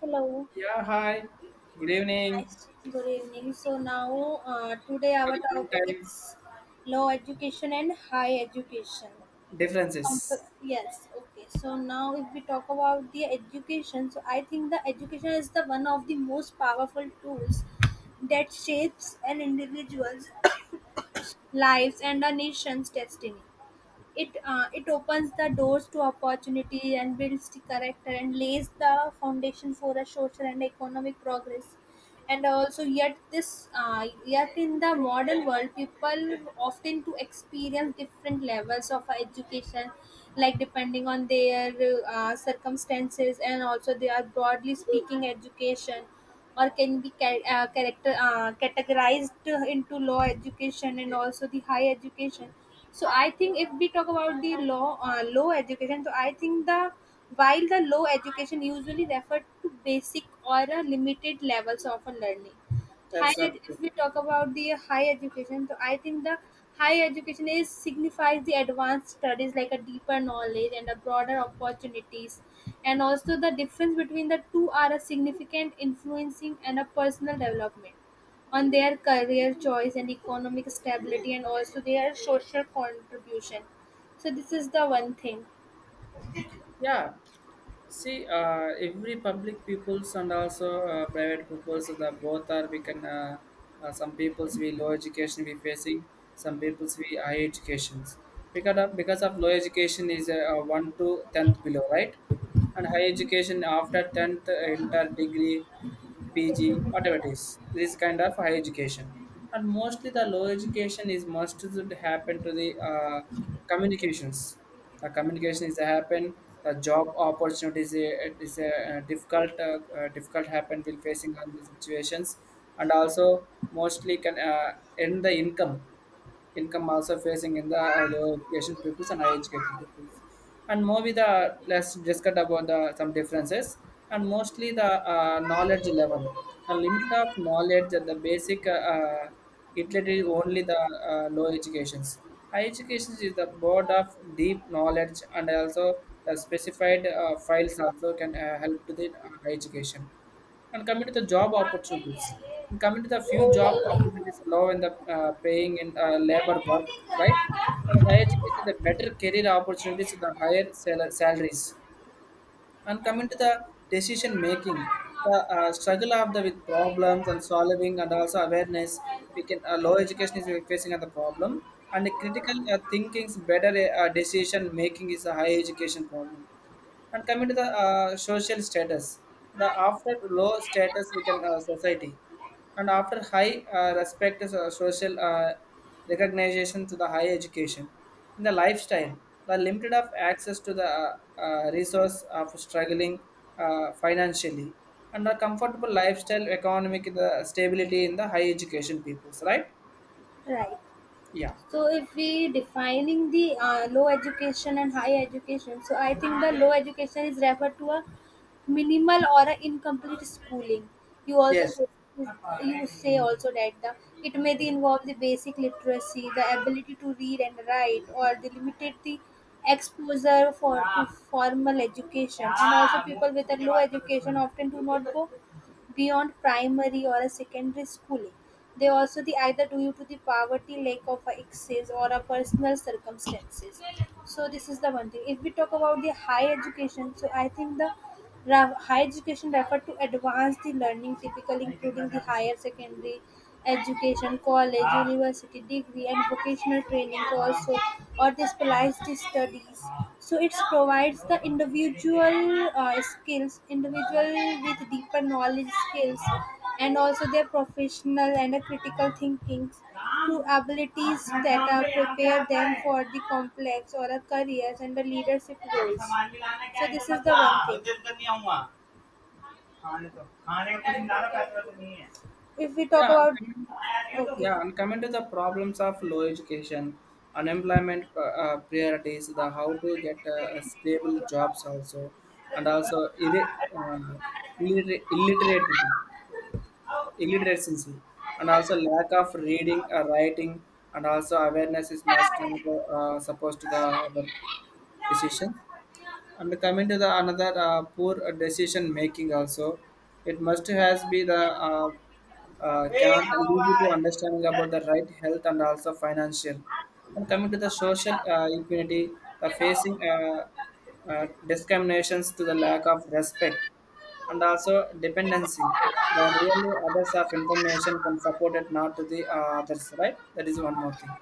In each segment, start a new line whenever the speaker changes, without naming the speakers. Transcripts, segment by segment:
Hello.
Yeah, hi. Good evening.
Nice. Good evening. So now, today
Good
our
evening
topic
time
is low education and high education.
differences.
Yes. Okay. So now, if we talk about the education, so I think the education is the one of the most powerful tools that shapes an individual's lives and a nation's destiny. It opens the doors to opportunity and builds the character and lays the foundation for a social and economic progress, and also yet this yet in the modern world people often to experience different levels of education, like depending on their circumstances. And also they are broadly speaking education or can be ca- character categorized into law education and also the high education. So I think if we talk about the law low education, so I think the, while the low education usually refer to basic or a limited levels of a learning.
That's
Higher, if we
absolutely.
talk about the higher education, so I think the higher education is signifies the advanced studies, like a deeper knowledge and a broader opportunities. And also the difference between the two are a significant influencing and a personal development on their career choice and economic stability and also their social contribution. So this is the one thing.
Yeah. See, every public peoples and also private peoples, the both are we can. Some peoples we low education we facing, some peoples we high educations. Because of low education is one to tenth below, right? And high education after tenth inter degree PG, whatever it is, this kind of high education. And mostly the low education is must should happen to the communications. The communication is happen. The job opportunities is a difficult difficult happen will facing on these situations, and also mostly can end the income also facing in the low education pupils and high education pupils. And more with the let's discuss about the some differences and mostly the knowledge level. The limit of knowledge and the basic literally only the low educations. High education is the board of deep knowledge and also the specified files also can help to the high education, and coming to the job opportunities, and coming to the few job opportunities low in the paying and labor work, right? And higher education, the better career opportunities, the salaries. And coming to the decision making, the struggle of the with problems and solving and also awareness, we can low education is facing at the problem and the critical thinking's better decision making is a high education problem. And coming to the social status, the after low status we can society and after high respect is social recognition to the high education in the lifestyle, the limited of access to the resource of struggling financially and a comfortable lifestyle economic the stability in the high education peoples, right?
Right.
Yeah.
So if we defining the low education and high education, so I think the low education is referred to a minimal or a incomplete schooling. You also
Yes.
say, you say also that the, it may the involve the basic literacy, the ability to read and write, or the limited the exposure for to formal education. And also people with a low education often do not go beyond primary or a secondary schooling. They also the either due to the poverty, lack of access, or a personal circumstances. So this is the one thing. If we talk about the high education, so I think the higher education refer to advanced the learning, typically including the higher secondary education, college, university degree, and vocational training also, or the specialized studies. So it provides the individual skills, individual with deeper knowledge skills and also their professional and a critical thinking to abilities that are prepare them for the complex or a careers and the leadership roles. So this is the one thing. If we talk
Yeah, and
about,
coming,
okay.
yeah, and coming to the problems of low education, unemployment priorities, the how to get stable jobs also, and also illiterate illiteracy, and also lack of reading, writing, and also awareness is must and, supposed to the our decisions, and coming to the another poor decision making also it must has be the uh, cannot lead you to understanding about the right health and also financial, and coming to the social equity, the facing discriminations to the lack of respect and also dependency, the really others of information can support it not to the others, right? That is one more thing.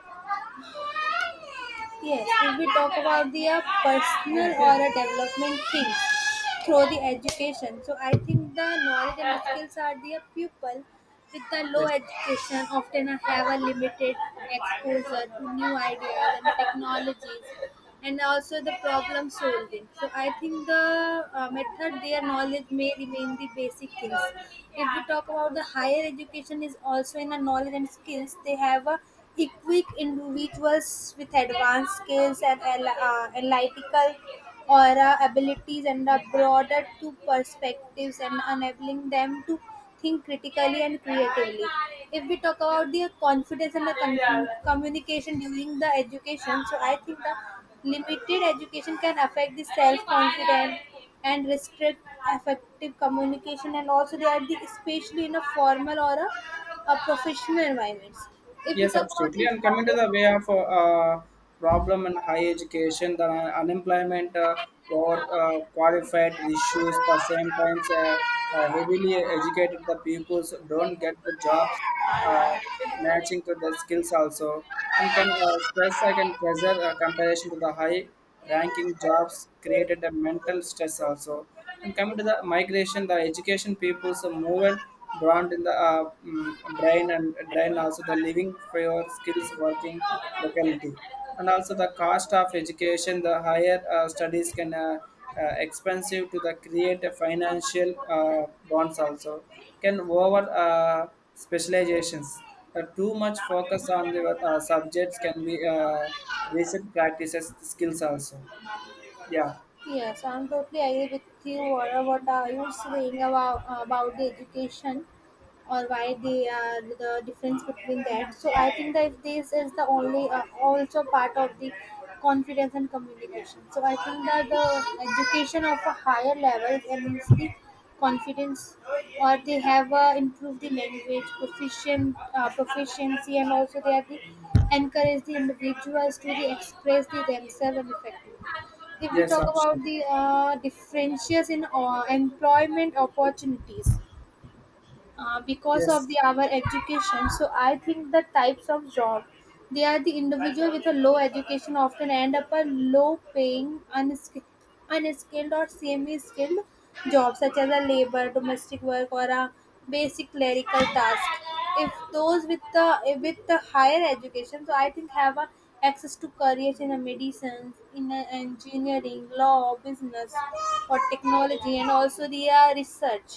Yes, if we talk about the personal or a development things through the education. So I think the knowledge and skills are the pupil with the low
Yes.
education often have a limited exposure to new ideas and technologies and also the problem solving. So I think the method their knowledge may remain the basic things. If we talk about the higher education is also in the knowledge and skills, they have a equipped individuals with advanced skills and analytical aura abilities and a broader to perspectives and enabling them to think critically and creatively. If we talk about the confidence and the communication during the education, so I think the limited education can affect the self-confidence and restrict effective communication, and also they are the, especially in a formal or a professional environments. If you
Yes,
talk about
absolutely.
the
And coming to the way of problem in higher education, the unemployment or qualified issues, the same times heavily educated the pupils don't get the jobs uh, matching to their skills also, and can stress I can pressure comparison to the high ranking jobs created a mental stress also. And coming to the migration, the education people's movement brand in the brain and drain also the living for your skills working locality. And also the cost of education, the higher studies can expensive to the create a financial bonds also can over specializations. The too much focus on the subjects can be recent practices skills also. Yeah.
yes, I'm totally agree with you or what you were saying about the education or why they are the difference between that. So I think that this is the only also part of the confidence and communication. So I think that the education of a higher level enhances the confidence, or they have improved the language proficient proficiency and also they are the encourage the individuals to the express the themselves and effectively. If we
Yes,
talk
option.
about the differentials in employment opportunities, because of the
Yes.
our education, so I think the types of job, they are the individual with a low education often end up a low paying unskilled, unskilled or semi skilled jobs such as a labor domestic work or a basic clerical task. If those with the with the higher education, so I think have a access to careers in a medicine, in a engineering, law, business, or technology, and also the research.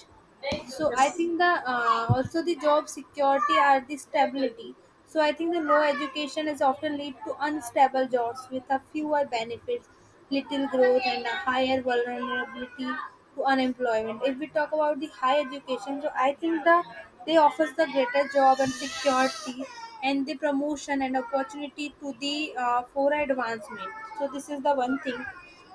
So I
Yes,
think the also the job security are the stability. So I think the low education is often lead to unstable jobs with a fewer benefits, little growth, and a higher vulnerability to unemployment. If we talk about the high education, so I think the, they offers the greater job and security and the promotion and opportunity to the for advancement. So this is the one thing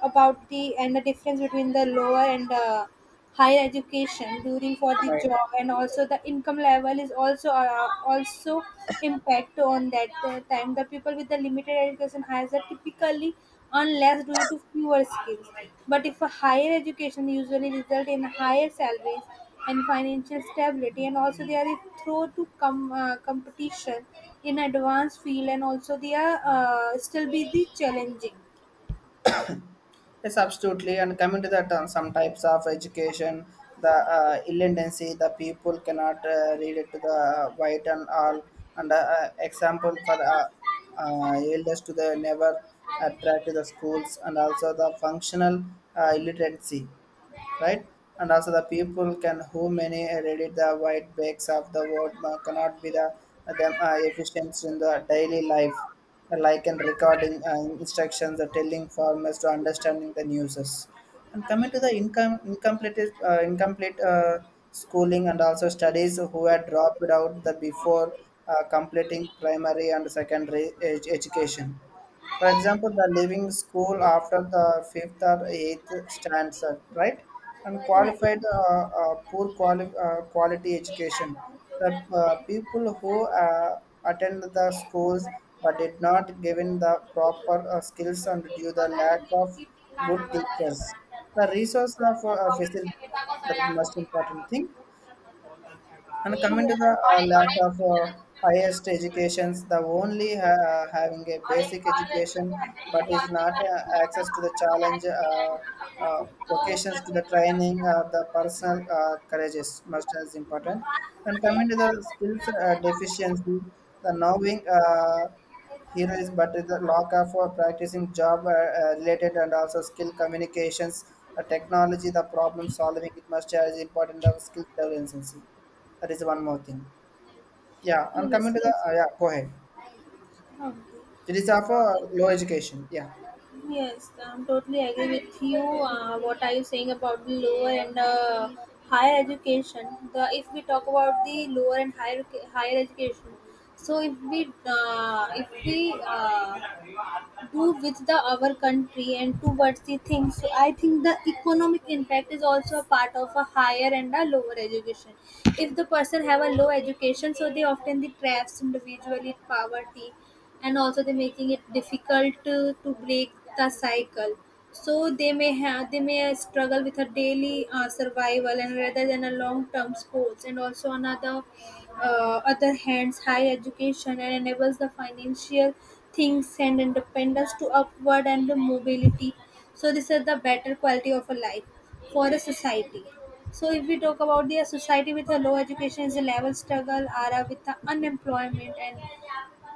about the, and the difference between the lower and higher education during for the
right.
job, and also the income level is also also impact on that time. The people with the limited education has a typically earn less due to fewer skills, but if a higher education usually result in higher salaries and financial stability, and also they are through to competition in advanced field, and also they are still be the challenging.
Yes, absolutely. And coming to that, on some types of education, the illiteracy, the people cannot read it to the white and all. And example for elders to the never attract to the schools, and also the functional illiteracy, right? And also the people can who many read the white backs of the world cannot be the them efficient in the daily life, like in recording instructions, or telling farmers to understanding the newses. And coming to the income incomplete incomplete schooling and also studies who had dropped out the before completing primary and secondary education, for example, the leaving school after the fifth or eighth standard, right? And
Right.
qualified
Yes.
poor
Yes.
quality education. The people who attend the schools but did not given the proper skills and due the lack of good teachers. The resource of facilities, that is most important thing. And coming to the lack of highest educations, the only having a basic education but is not access to the challenge, vocations to the training, the personal courage is much as important. And coming to the skills deficiency, the knowing heroes but the lack of practicing job related and also skill communications, the technology, the problem solving, it must as important the skill deficiency. That is one more thing. Yeah, and coming to the
Yes.
yeah, go ahead.
Okay.
It is of
So
low education. Yeah,
yes, I'm totally agree with you. What are you saying about the lower and higher education? The if we talk about the lower and higher higher education, so if we do with the our country and towards the things. So I think the economic impact is also a part of a higher and a lower education. If the person have a low education, so they often the traps individually in poverty, and also they making it difficult to break the cycle. So they may have, they may struggle with a daily survival, and rather than a long term goals, and also another other hands high education and enables the financial things and independence to upward and mobility. So these are the better quality of a life for a society. So if we talk about the society with a low education is a level struggle, are with the unemployment and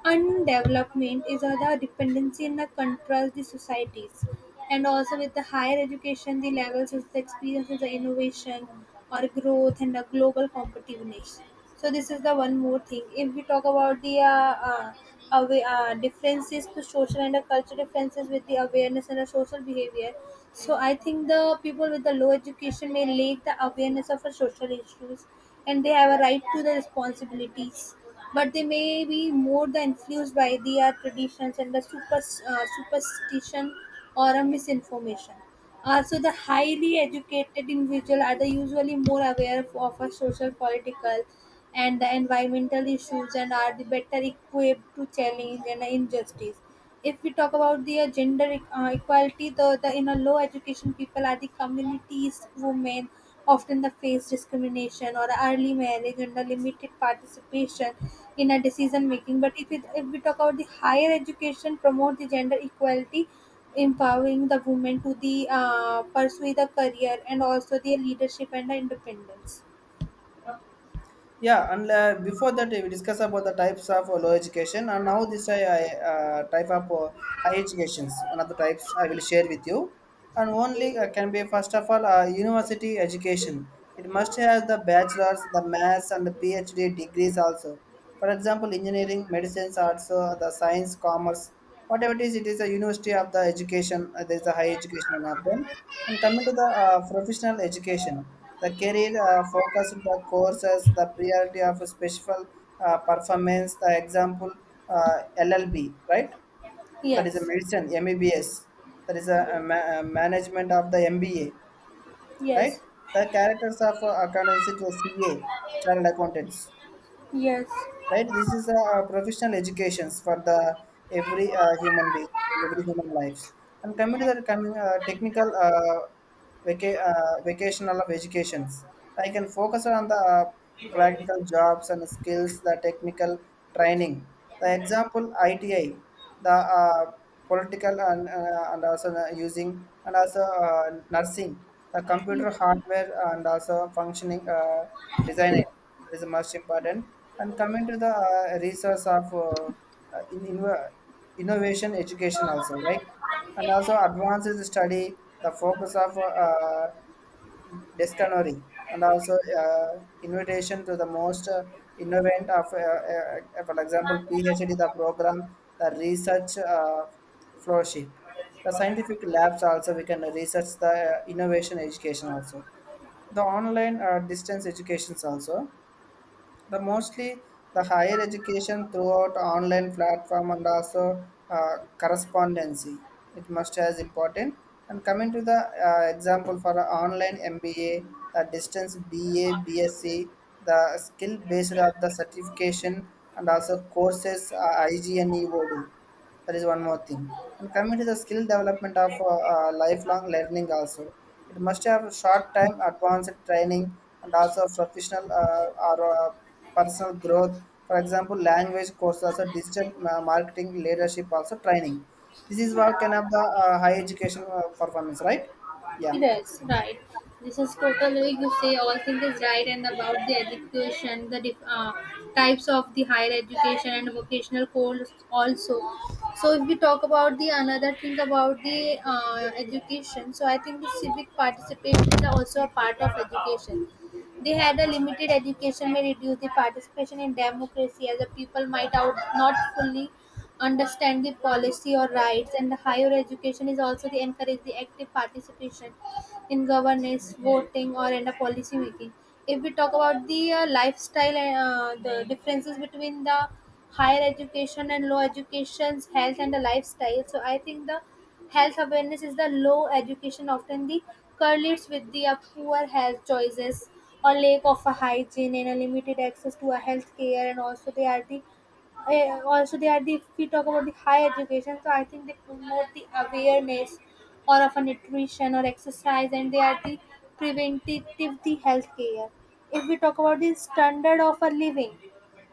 undevelopment is the dependency in the contrast the societies. And also with the higher education, the levels is the experience is the innovation or growth and the global competitiveness. So this is the one more thing. If we talk about the differences to social and cultural differences with the awareness and the social behavior, so I think the people with the low education may lack the awareness of the social issues, and they have a right to the responsibilities, but they may be more than influenced by the traditions and the superstition or a misinformation. So the highly educated individual are the usually more aware of our social, political, and the environmental issues, and are the better equipped to challenge and injustice. If we talk about the equality, the in a low education people are the communities women often the face discrimination or early marriage and the limited participation in a decision making. But if, it, if we talk about the higher education, promote the gender equality, empowering the women to the pursue the career and also their leadership and the independence.
yeah, and before that we discuss about the types of low education, and now this I type of high educations. One of the types I will share with you, and only can be first of all university education. It must have the bachelor's, the mass, and the PhD degrees also. For example, engineering, medicines, arts, the science, commerce. Whatever it is a university of the education, there is a high education one of them. And coming to the professional education, the career focus, of the courses, the priority of a special performance, the example LLB, right? That is a
Yes,
medicine, MBBS. That is a a management of the MBA,
yes,
right? The characters of accountancy to CA, child accountants,
yes,
right? This is a professional educations for the every human being, every human lives. And coming to the coming technical vocational of educations, I can focus on the practical jobs and skills, the technical training, the example ITI, the political and also the using and also nursing, the
yes,
computer hardware and also functioning designer is the most important. And coming to the resource of in, in, uh, innovation education also, right? And also advances study, the focus of discovery and also uh, invitation to the most innovant of, for example, PhD the program, the research flowship. The scientific labs also we can research the innovation education also, the online distance educations also, the mostly the higher education throughout online platform and also correspondency, it must as important. And coming to the example for a online MBA, the distance BA BSc, the skill based of the certification and also courses igneodu, that is one more thing. And coming to the skill development of lifelong learning also, it must have short time advanced training and also professional or personal growth, for example language courses, also digital marketing leadership also training. This is what can have the high education performance, right? Yeah.
yes, right. This is totally you say all things is right and about the education, the types of the higher education and vocational course also. So if we talk about the another thing about the education, so I think the civic participation is also a part of education. They had a limited education may reduce the participation in democracy as the people might out not fully understand the policy or rights, and the higher education is also to encourage the active participation in governance, voting, or in the policy making. If we talk about the lifestyle and the differences between the higher education and low education's health and the lifestyle, so I think the health awareness is the low education often the correlates with the poor health choices or lack of a hygiene and a limited access to a health care, and also they are the also they are the, if we talk about the high education, so I think they promote the awareness or of a nutrition or exercise, and they are the preventative the health care. If we talk about the standard of a living,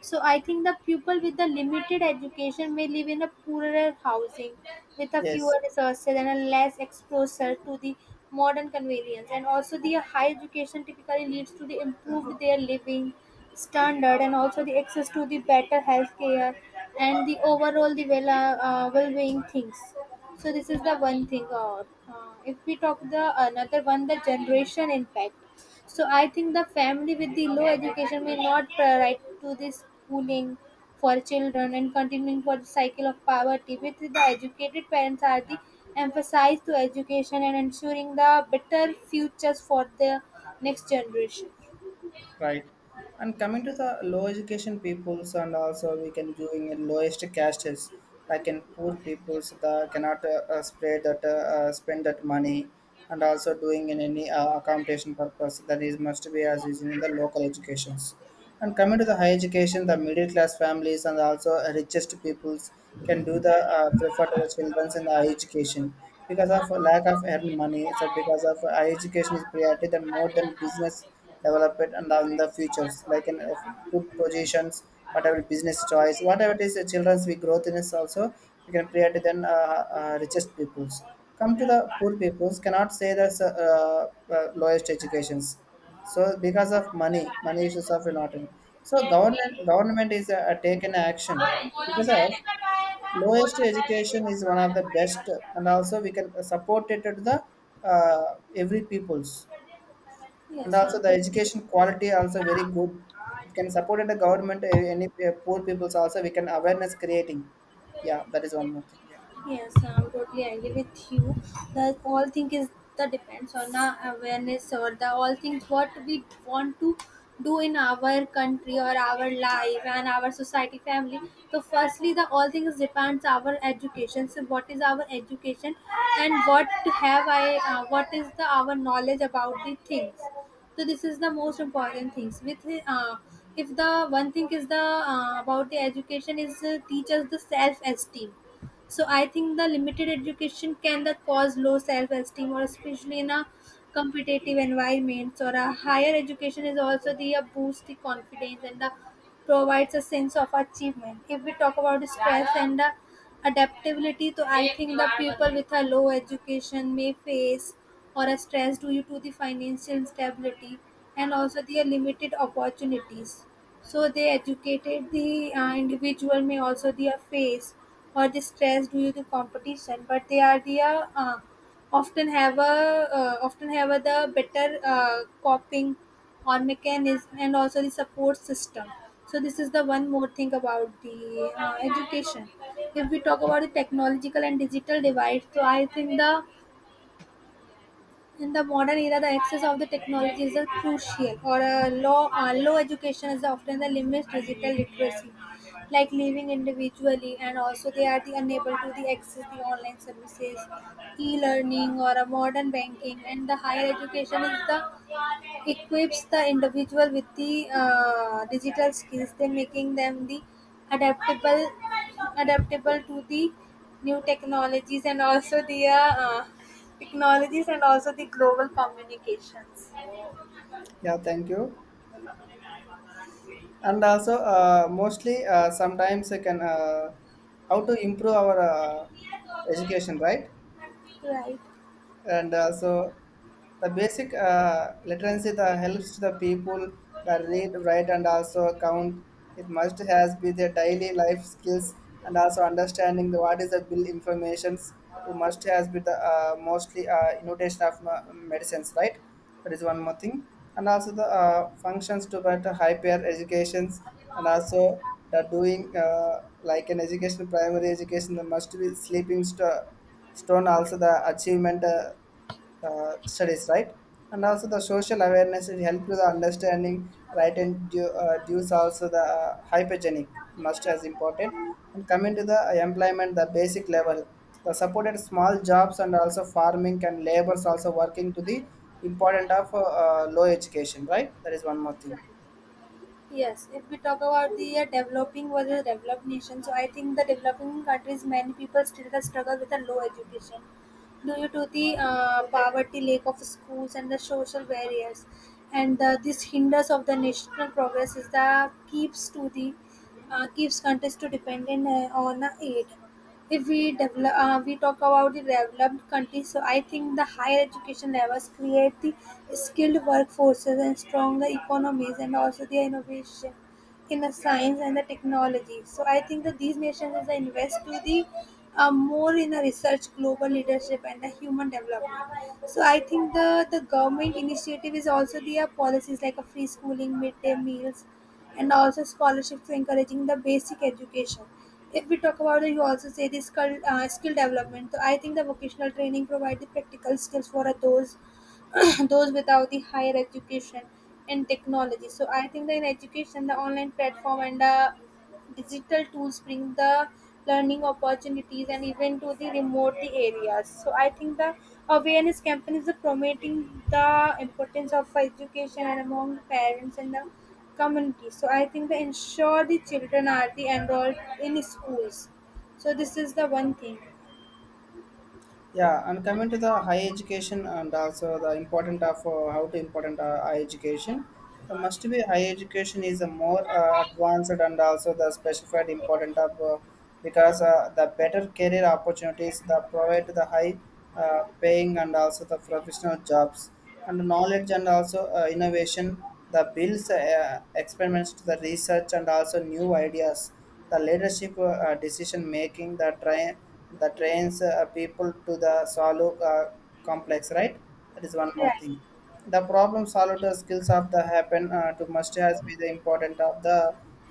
so I think the pupil with the limited education may live in a poorer housing with a fewer
Yes.
resources and a less exposure to the modern convenience. And also the high education typically leads to the improved their living standard and also the access to the better healthcare and the overall the well-being things. So this is the one thing. Or if we talk the another one, the generation impact. So I think the family with the low education may not provide to this schooling for children and continuing for the cycle of poverty. With the educated parents are the emphasize to education and ensuring the better futures for the next generation.
Right. And coming to the low education peoples and also we can doing in lowest castes like in poor peoples that cannot spread that spend that money and also doing in any accommodation purpose, that is must be as using the local educations. And coming to the higher education, the middle class families and also richest peoples can do the prefer to the children in the higher education because of a lack of earned money. So because of higher education is priority than more than business development and on the futures like in good positions, whatever business choice, whatever it is, the children's we growth in is also we can priority than richest peoples. Come to the poor peoples cannot say that's lowest educations, so because of money issues are a lot. In. So government is taken action because of lowest education is one of the best, and also we can support it to the every peoples, and
Yes,
also
I'm
the
hoping.
education quality also very good. It can support it the government any poor peoples also we can awareness creating. Yeah, that is one more thing. Yeah,
Yes, I'm totally agree with you. The all thing is the depends on the awareness or the all things what we want to do in our country or our life and our society family. So firstly the all things depends our education. So what is our education and what have I what is the our knowledge about the things. So this is the most important things. With If the one thing is the about the education is teach us the self esteem, so I think the limited education can the cause low self-esteem or especially in a competitive environment or a higher education is also the boost the confidence and the provides a sense of achievement. If we talk about the stress and the adaptability, so I think the people with a low education may face or a stress due to the financial instability and also the limited opportunities, so they educated the individual may also the face or the stress due to competition, but they are the often have a often have a, the better coping or mechanism and also the support system. So this is the one more thing about the education. If we talk about the technological and digital divide, so I think the in the modern era, the access of the technology is a crucial, or a low, low education is often the limits digital literacy, like living individually, and also they are the unable to the access the online services, e-learning, or a modern banking, and the higher education is the equips the individual with the digital skills, then making them the adaptable adaptable to the new technologies and also the global communications.
yeah. Thank you. And also mostly sometimes I can how to improve our education, right?
Right.
And so the basic literacy that helps the people that read, write and also count, it must has be their daily life skills, and also understanding the, what is the bill informations, to must has be the mostly innovation of medicines, right? That is one more thing. And also the functions to better higher educations. And also the doing like an education, primary education, there must be sleeping stuff stone, also the achievement studies, right? And also the social awareness, it help to the understanding, right? And due, dues also the hypergenic must as important. And coming to the employment, the basic level, the supported small jobs and also farming and labors also working to the important of low education, right? That is one more thing.
Yes. If we talk about the developing versus developed nation, so I think the developing countries, many people still struggle with a low education due to the poverty, lack of schools, and the social barriers. And this hinders of the national progress is the keeps to the keeps countries to dependent on aid. If we develop, we talk about the developed countries. So I think the higher education levels create the skilled workforces and stronger economies, and also the innovation in the science and the technology. So I think that these nations as they invest to the more in the research, global leadership, and the human development. So I think the government initiative is also their policies like a free schooling, midday meals, and also scholarships for encouraging the basic education. If we talk about it, you also say the skill, skill development. So I think the vocational training provide the practical skills for those those without the higher education and technology. So I think that in education, the online platform and the digital tools bring the learning opportunities and even to the remote areas. So I think the awareness campaign is the promoting the importance of education and among parents and the community. So I think they ensure the children are the enrolled in schools. So this is the one thing.
Yeah, and coming to the higher education and also the important of how to important higher education, the must be higher education is a more advanced and also the specified important of because the better career opportunities that provide the high paying and also the professional jobs and knowledge and also innovation, the bills experiments to the research and also new ideas, the leadership decision making that train that trains people to the solve complex, right? That is one more
Right.
thing. The problem solved skills of the happen to must has be the important of the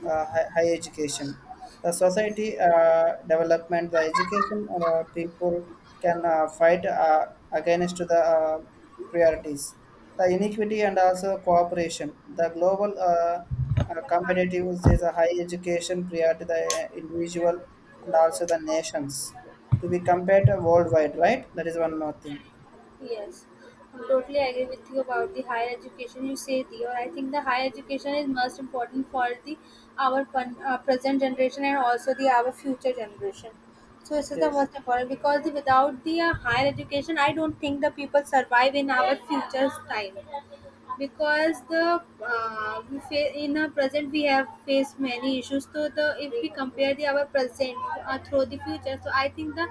high education, the society development, the education people can fight against the priorities, the inequity and also cooperation. The global competitiveness is a high education priority, the individual and also the nations to be compared worldwide, right? That is one more thing.
Yes. I'm totally agree with you about the higher education you say there. I think the higher education is most important for the our pun, present generation and also the our future generation. So this is the
Yes.
most important because the, without the higher education, I don't think the people survive in our future's time. Because the we fa- in our present we have faced many issues, so the if we compare the our present through the future, so I think the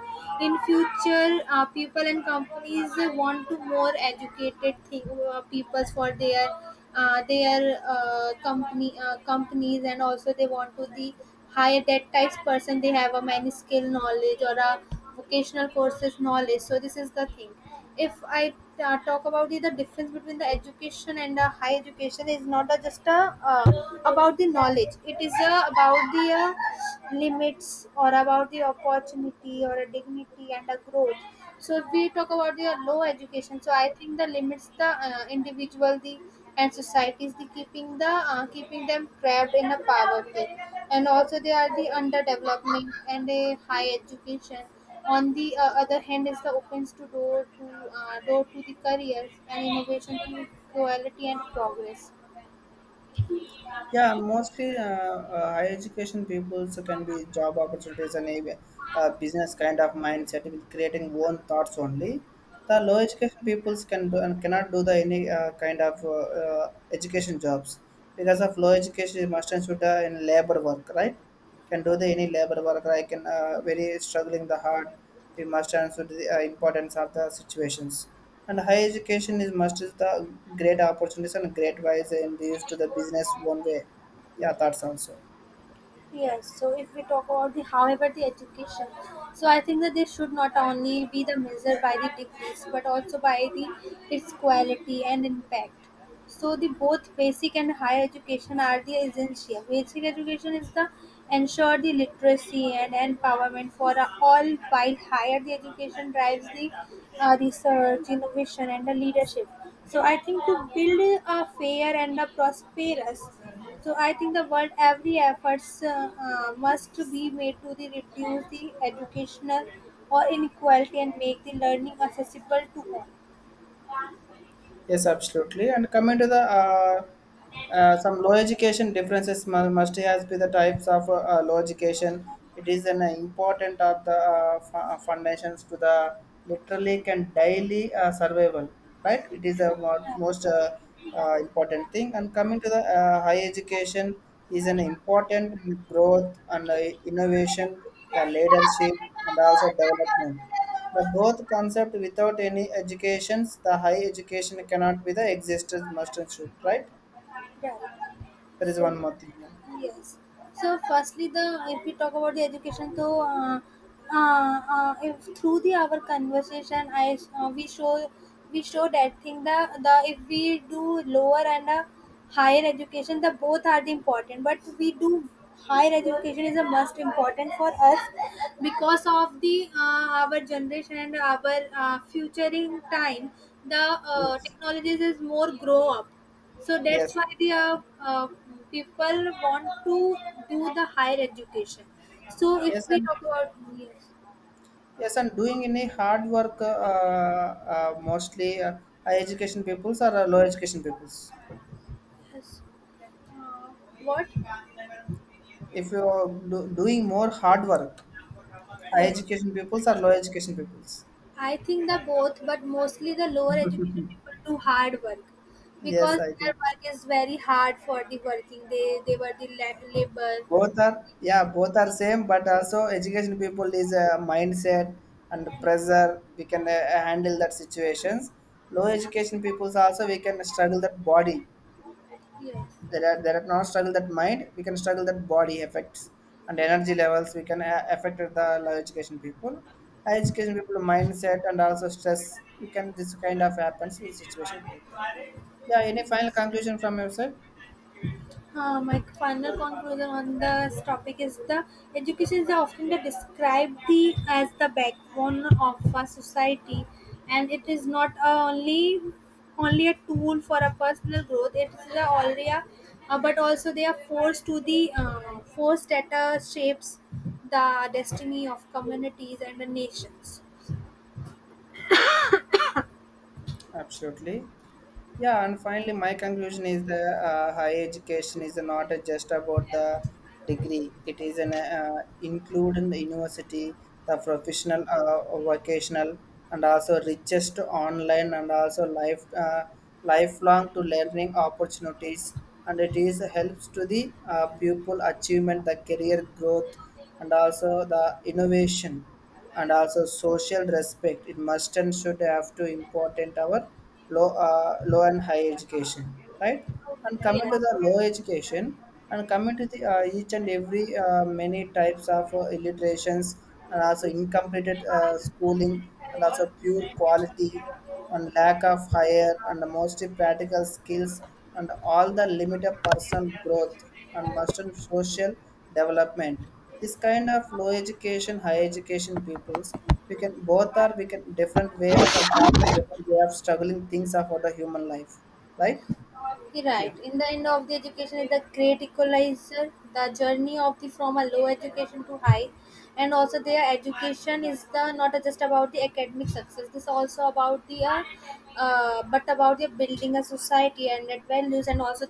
in future people and companies want to more educated thing people for their company companies and also they want to the hire that types person they have a many skill knowledge or a vocational courses knowledge. So this is the thing. If I talk about the difference between the education and the high education is not a, just a, about the knowledge, it is about the limits or about the opportunity or a dignity and a growth. So if we talk about the low education, so I think the limits the individual the and societies the keeping them trapped in a poverty and also they are the underdevelopment, and a high education on the other hand is the opens to door to the careers and innovation to quality and progress.
Yeah, mostly higher education people so can be job opportunities and a business kind of mindset with creating own thoughts only. The low education peoples can do and cannot do the any kind of education jobs because of low education must and should in labor work, right? Can do the any labor worker, I can very struggling the hard, we must answer to the importance of the situations. And higher education is must is the great opportunities and great wise and used to the business one way, yeah, thoughts also.
Yes, so if we talk about the however the education, so I think that this should not only be the measure by the degrees but also by the its quality and impact. So the both basic and higher education are the essential. Basic education is the ensure the literacy and empowerment for all, while higher the education drives the research, innovation, and the leadership. So I think to build a fair and a prosperous, so I think the world every efforts must be made to the reduce the educational or inequality and make the learning accessible to all.
Yes, absolutely. And coming to the some low education differences must has be the types of low education. It is an important of the foundations to the literally can daily survival, right? It is the most important thing. And coming to the high education is an important growth and innovation, the leadership and also development. The both concept without any educations, the high education cannot be the existence must and should, right?
Right.
There is
So,
one more thing. Yeah.
yes. So, firstly, the if we talk about the education, so if through the our conversation, I we show that thing the if we do lower and higher education, the both are the important, but we do higher education is the most important for us because of the our generation and our futuring time the
Yes.
technologies is more grow up, so that's
Yes,
why the people want to do the higher education. So if
yes,
we
and
talk about yes,
yes, and doing any hard work, mostly high education peoples or low education peoples.
yes, uh, what?
If you are doing more hard work, high
Yes,
education peoples or low education peoples.
I think the both, but mostly the lower education people do hard work
Yes,
because
I think.
their work is very hard for the working. They were the la- labor.
Both are,
They
yeah,
have to-
both are same, but also education people is a mindset and pressure we can handle that situations. Low education peoples also we can struggle that body.
Yes.
There are not struggle that mind, we can struggle that body effects and energy levels, we can affect the low education people. High education people mindset and also stress, we can this kind of happens with situation. Yeah, any final conclusion from your side?
My final conclusion on this topic is the education is often the described the as the backbone of a society, and it is not a only only a tool for a personal growth. It is the already, a- but also they are forced to the forced that shapes the destiny of communities and the nations.
Absolutely. Yeah, and finally, my conclusion is the higher education is not just about the degree. It is an include in the university, the professional, vocational, and also richest online and also life lifelong to learning opportunities. And it is helps to the pupil achievement, the career growth, and also the innovation and also social respect. It must and should have to important our low and high education, right? And coming
Yes,
to the low education, and coming to the each and every many types of illiterations and also incompleted schooling and also pure quality and lack of higher and most practical skills and all the limited personal growth and must social development. This kind of low education, high education peoples, we can both are, we can different way of adopt and different way of struggling things about the human life. Right?
Right.
Yeah.
In the end of the education is the great equalizer, the journey of the from a low education to high. And also their education is the not just about the academic success, this also about the but about the building a society and that values and also the